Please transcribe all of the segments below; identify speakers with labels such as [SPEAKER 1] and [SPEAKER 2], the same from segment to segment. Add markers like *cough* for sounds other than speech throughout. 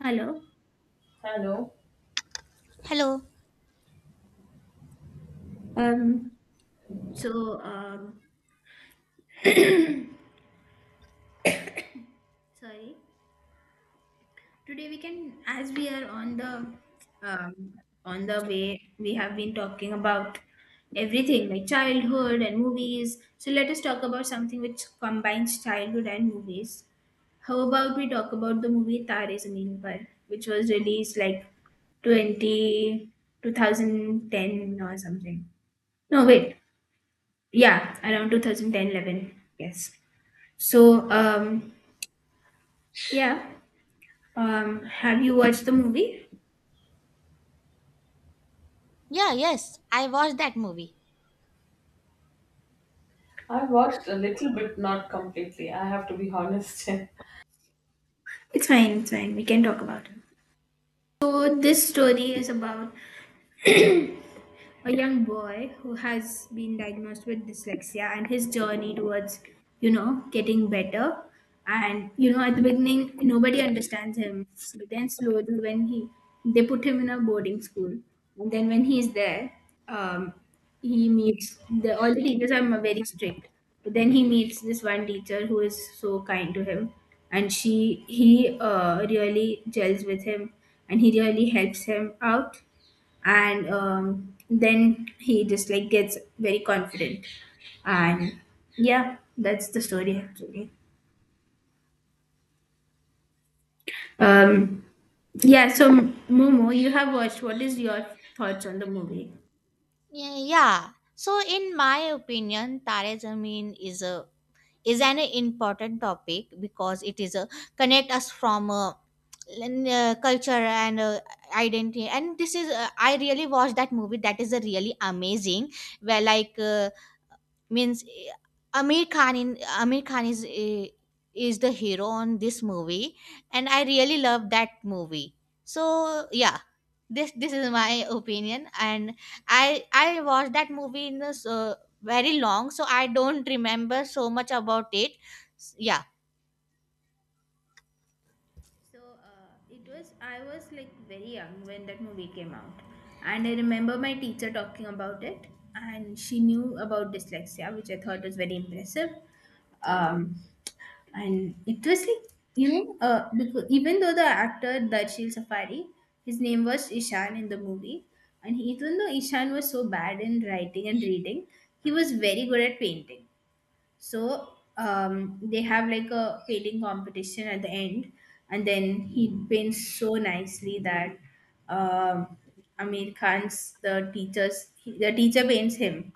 [SPEAKER 1] Hello.
[SPEAKER 2] Hello.
[SPEAKER 3] Hello.
[SPEAKER 1] Um, so, *coughs* *clears throat* sorry. Today we can, as we are um, on the way, we have been talking about everything like childhood and movies. So let us talk about something which combines childhood and movies. How about we talk about the movie Tare Zameen Par, which was released like 20 2010 or something. No, wait. Yeah, around 2010, 11. Yes. So, yeah, have you watched the movie?
[SPEAKER 3] Yeah, yes, I watched that movie.
[SPEAKER 2] I watched a little bit, not completely. I have to be honest. *laughs*
[SPEAKER 1] It's fine, it's fine, we can talk about it. So this story is about a young boy who has been diagnosed with dyslexia and his journey towards getting better. And at the beginning, nobody understands him. But then slowly, when he they put him in a boarding school. And then when he's there, um, he meets the all the teachers are very strict. But then he meets this one teacher who is so kind to him, and she he really gels with him, and he really helps him out. And then he just like gets very confident. And yeah, that's the story actually. um yeah, so, Momo, you have watched. What is your thoughts on the movie?
[SPEAKER 3] Yeah, yeah. So in my opinion, Tare Zameen is a is an important topic because it is a connect us from a, culture and identity and this is I really watched that movie that is a really amazing where means Amir Khan in Amir Khan is is the hero on this movie, and I really love that movie. So yeah, this is my opinion, and I watched that movie in this very long, so I don't remember so much about it. Yeah.
[SPEAKER 1] So, it was I was like very young when that movie came out, and I remember my teacher talking about it, and she knew about dyslexia, which I thought was very impressive. Um, and it was like, because even though the actor Darshil Safari, his name was Ishan in the movie. And even though Ishan was so bad in writing and reading, he was very good at painting. So, they have like a painting competition at the end, and then he paints so nicely that, um, Amir Khan's, the teacher paints him.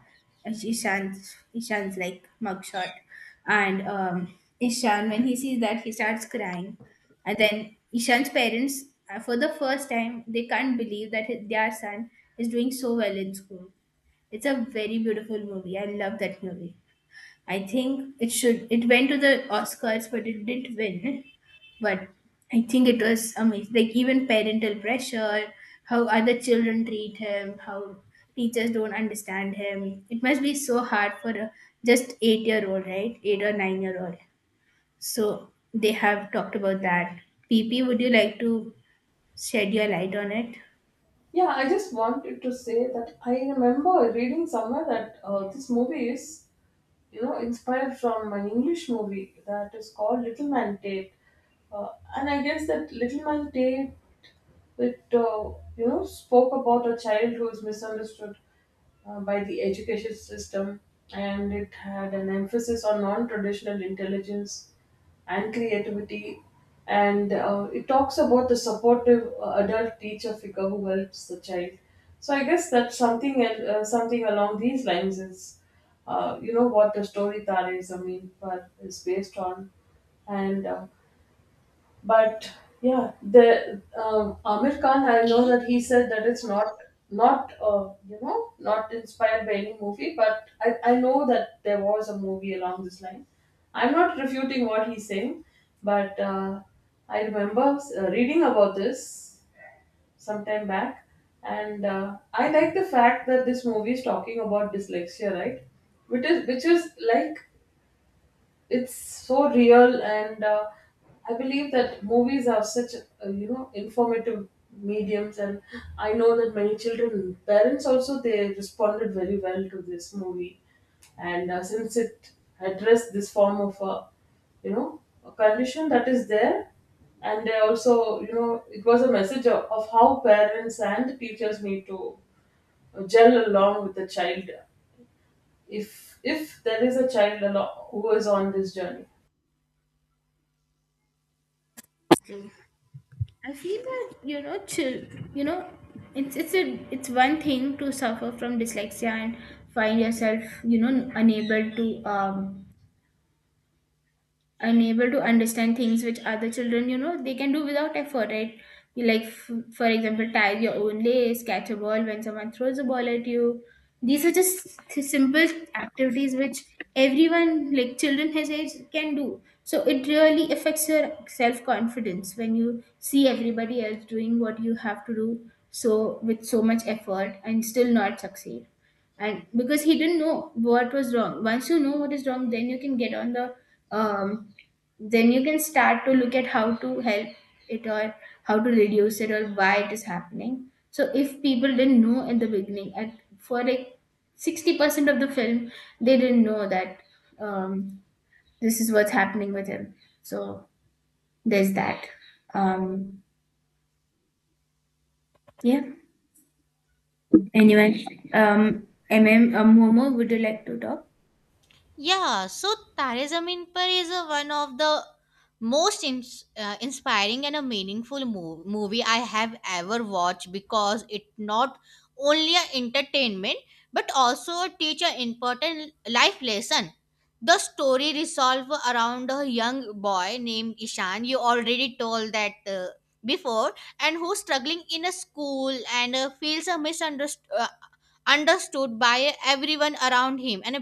[SPEAKER 1] Ishan's like mugshot, and, Ishan, when he sees that, he starts crying. And then Ishan's parents, for the first time, they can't believe that their son is doing so well in school. It's a very beautiful movie. I love that movie. I think it should. It went to the Oscars, but it didn't win. But I think it was amazing. Like, even parental pressure, how other children treat him, how teachers don't understand him. It must be so hard for a just 8-year old, right? 8 or 9 year old. So they have talked about that. PP, would you like to shed your light on it?
[SPEAKER 2] Yeah, I just wanted to say that I remember reading somewhere that this movie is, you know, inspired from an English movie that is called Little Man Tate. Uh, and I guess that Little Man Tate it you know spoke about a child who is misunderstood by the education system, and it had an emphasis on non-traditional intelligence and creativity, and it talks about the supportive adult teacher figure who helps the child. So I guess that's something along these lines is you know what the story Tare Zameen Par is based on. And uh, but yeah, the Amir Khan, I know
[SPEAKER 3] Okay.
[SPEAKER 2] that he said that it's not, you know, not inspired by any movie, but I know that there was a movie along this line. I'm not refuting what he's saying, but I remember reading about this sometime back, and I like the fact that this movie is talking about dyslexia, right? Which is like it's so real, and I believe that movies are such you know informative mediums. And I know that many children, parents also, they responded very well to this movie. And since it addressed this form of a, you know, a condition that is there, and they also, you know, it was a message of how parents and teachers need to gel along with the child, if there is a child who is on this journey.
[SPEAKER 1] Mm. I feel that, chill, you know, it's one thing to suffer from dyslexia and find yourself unable to understand things which other children, they can do without effort, right? You like, for example, tie your own lace, catch a ball when someone throws a ball at you. These are just simple activities which everyone, like children his age, can do. So it really affects your self-confidence when you see everybody else doing what you have to do, so with so much effort, and still not succeed. And because he didn't know what was wrong, once you know what is wrong, then you can get on the um, then you can start to look at how to help it, or how to reduce it, or why it is happening. So if people didn't know in the beginning, at for like 60% of the film, they didn't know that, um, this is what's happening with him. So there's that. Um, yeah. Anyway, um, MM, Momo, would you like to talk?
[SPEAKER 3] Yeah, so Taare Zameen Par is one of the most inspiring and a meaningful movie I have ever watched because it not only a entertainment but also a teach an important life lesson. The story resolves around a young boy named Ishan. You already told that before, and who's struggling in a school and feels a misunderstood. Understood by everyone around him and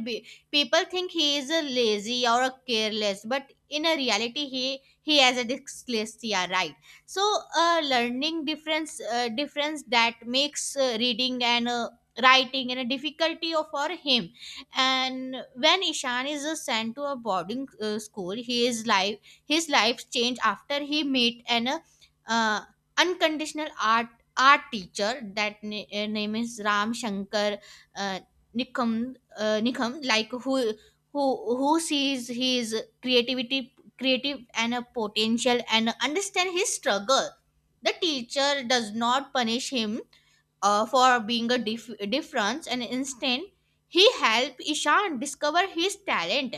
[SPEAKER 3] people think he is a lazy or a careless, but in a reality, he has a dyslexia, right? So, learning difference difference that makes reading and writing and a difficulty for him. And when Ishan is sent to a boarding school, he is life his life changed after he met an uh, unconditional art teacher that name is Ram Shankar uh, Nikam, Nikam, like who who sees his creative and a potential, and understand his struggle. The teacher does not punish him for being a difference, and instead he helped Ishan discover his talent,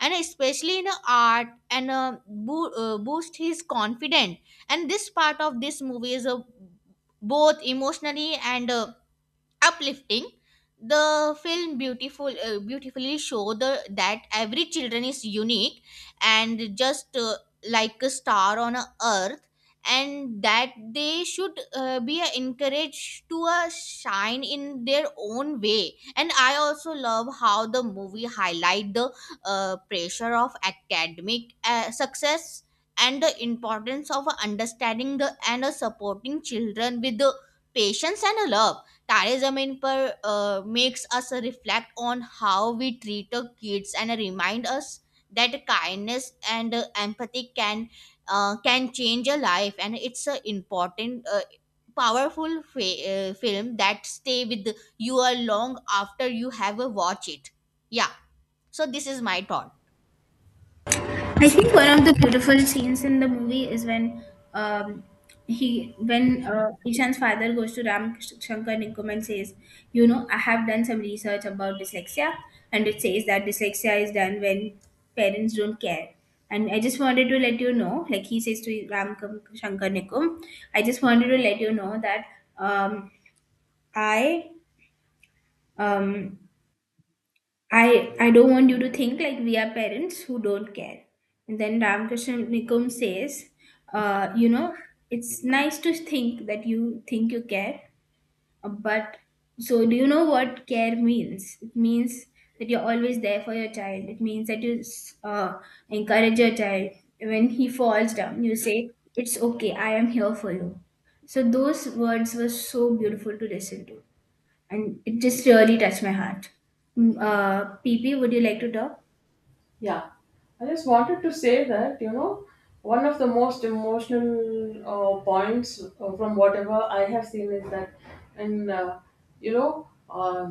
[SPEAKER 3] and especially in art, and boost his confidence. And this part of this movie is a both emotionally and uplifting. The film beautifully show the that every children is unique and just like a star on a earth, and that they should be encouraged to shine in their own way. And I also love how the movie highlight the pressure of academic success and the importance of understanding the and supporting children with the patience and a love. Tare Zameen Par makes us reflect on how we treat our kids and remind us that kindness and empathy can change a life. And it's an important powerful film that stay with you a long after you have watched it. Yeah, so this is my thought.
[SPEAKER 1] I think one of the beautiful scenes in the movie is when, um, he when Ishan's father goes to Ram Shankar Nikum and says, I have done some research about dyslexia, and it says that dyslexia is done when parents don't care. And I just wanted to let you know, like he says to Ram Shankar Nikum, I just wanted to let you know that, um, I um, I don't want you to think like we are parents who don't care. And then Ramakrishna Nikum says, uh, you know, it's nice to think that you think you care, but so, do you know what care means? It means that you're always there for your child. It means that you encourage your child when he falls down. You say, "It's okay. I am here for you." So those words were so beautiful to listen to, and it just really touched my heart. PP, would you like to talk?
[SPEAKER 2] Yeah, I just wanted to say that, you know, one of the most emotional points from whatever I have seen is that, and you know,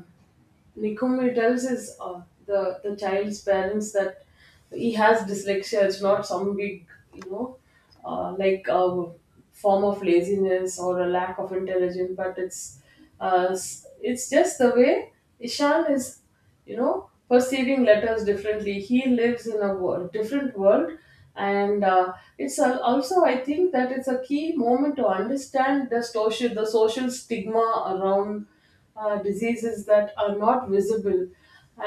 [SPEAKER 2] Nikumar tells his, uh, the child's parents that he has dyslexia. It's not some big, you know, uh, like uh, form of laziness or a lack of intelligence, but it's just the way Ishan is, you know, perceiving letters differently. He lives in a world, different world, and also I think that it's a key moment to understand the social stigma around diseases that are not visible.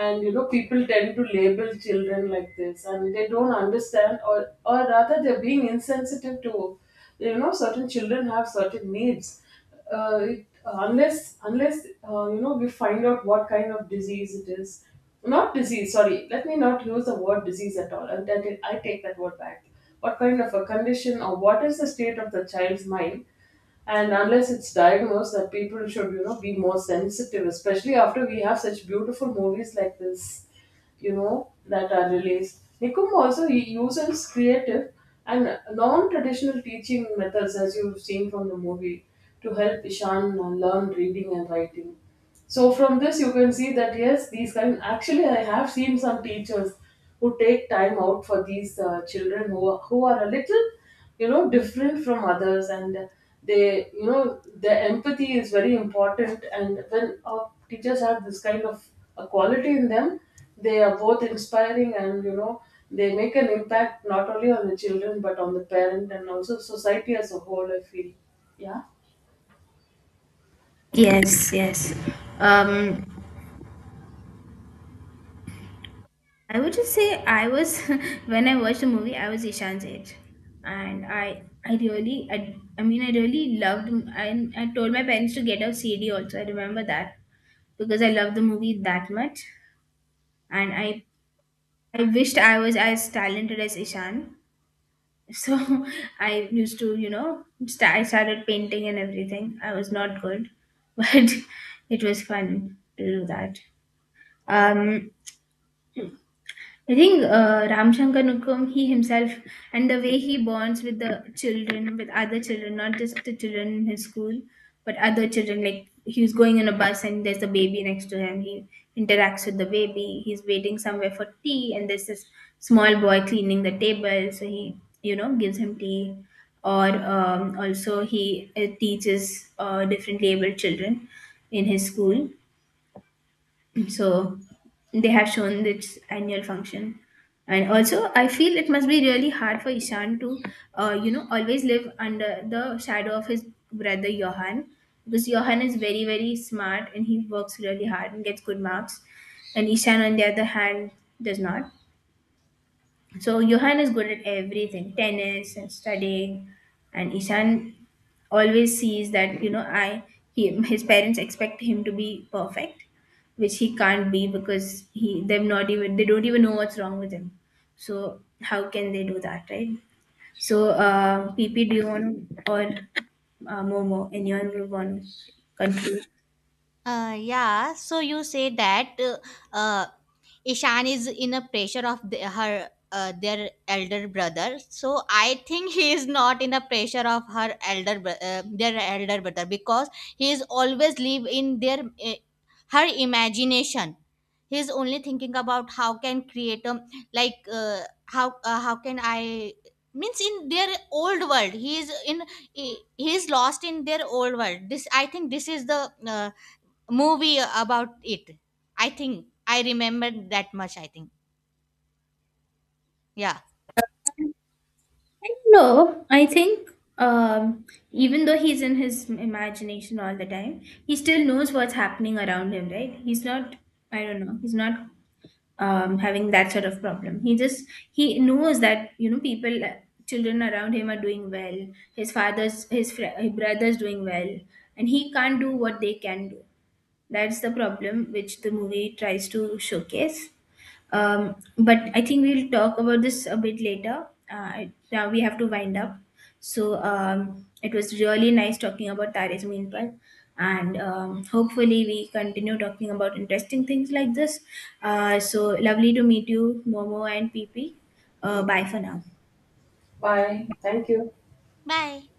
[SPEAKER 2] And you know people tend to label children like this, and they don't understand, or rather they're being insensitive to, you know, certain children have certain needs. Uh, it, unless unless uh, you know, we find out what kind of disease it is. Not disease, sorry, let me not use the word disease at all, and that I take that word back. What kind of a condition, or what is the state of the child's mind? And unless it's diagnosed, that people should, you know, be more sensitive, especially after we have such beautiful movies like this, you know, that are released. Nikum also, he uses creative and non-traditional teaching methods, as you've seen from the movie, to help Ishan learn reading and writing. So from this you can see that, yes, these kind, actually I have seen some teachers who take time out for these children who are a little, you know, different from others. And they, you know, their empathy is very important, and when our teachers have this kind of a quality in them, they are both inspiring, and you know, they make an impact not only on the children, but on the parent and also society as a whole, I feel. Yeah.
[SPEAKER 1] Yes, yes. Um, I would just say, I was *laughs* when I watched the movie, I was Ishan's age, and I mean, I really loved, I told my parents to get a CD also. I remember that because I loved the movie that much, and I wished I was as talented as Ishan. So, *laughs* I used to you know st- I started painting and everything. I was not good, *laughs* but it was fun to do that. um I think, Ram Shankar Nukum, he himself, and the way he bonds with the children, with other children, not just the children in his school, but other children. Like, he was going on a bus and there's a baby next to him. He interacts with the baby. He's waiting somewhere for tea, and there's this small boy cleaning the table. So he, gives him tea. Or, also, he teaches differently abled children in his school, so they have shown its annual function. And also I feel it must be really hard for Ishan to, always live under the shadow of his brother Johan, because Johan is very, very smart and he works really hard and gets good marks, and Ishan, on the other hand, does not. So Johan is good at everything, tennis and studying, and Ishan always sees that, you know I he his parents expect him to be perfect, which he can't be because he they've not even, they don't even know what's wrong with him. So how can they do that, right? So, PP, do you want to, or, Momo, anyone will want to conclude?
[SPEAKER 3] Yeah, so you say that uh, Ishan is in a pressure of the, her their elder brother. So I think he is not in a pressure of their elder brother because he is always live in their her imagination. He is only thinking about how can create a like uh, how can I means in their old world he is lost in their old world. This I think this is the movie about it. I think I remembered that much. I think. Yeah.
[SPEAKER 1] No, I think, um, even though he's in his imagination all the time, he still knows what's happening around him, right? He's not, I don't know, he's not, having that sort of problem. He knows that, people, children around him are doing well. His father's, his, his brother's doing well, and he can't do what they can do. That's the problem which the movie tries to showcase. But I think we'll talk about this a bit later. Now we have to wind up. So, it was really nice talking about Tares Meanpal. And, hopefully we continue talking about interesting things like this. So lovely to meet you, Momo and PP. Bye for now.
[SPEAKER 2] Bye, thank you.
[SPEAKER 3] Bye.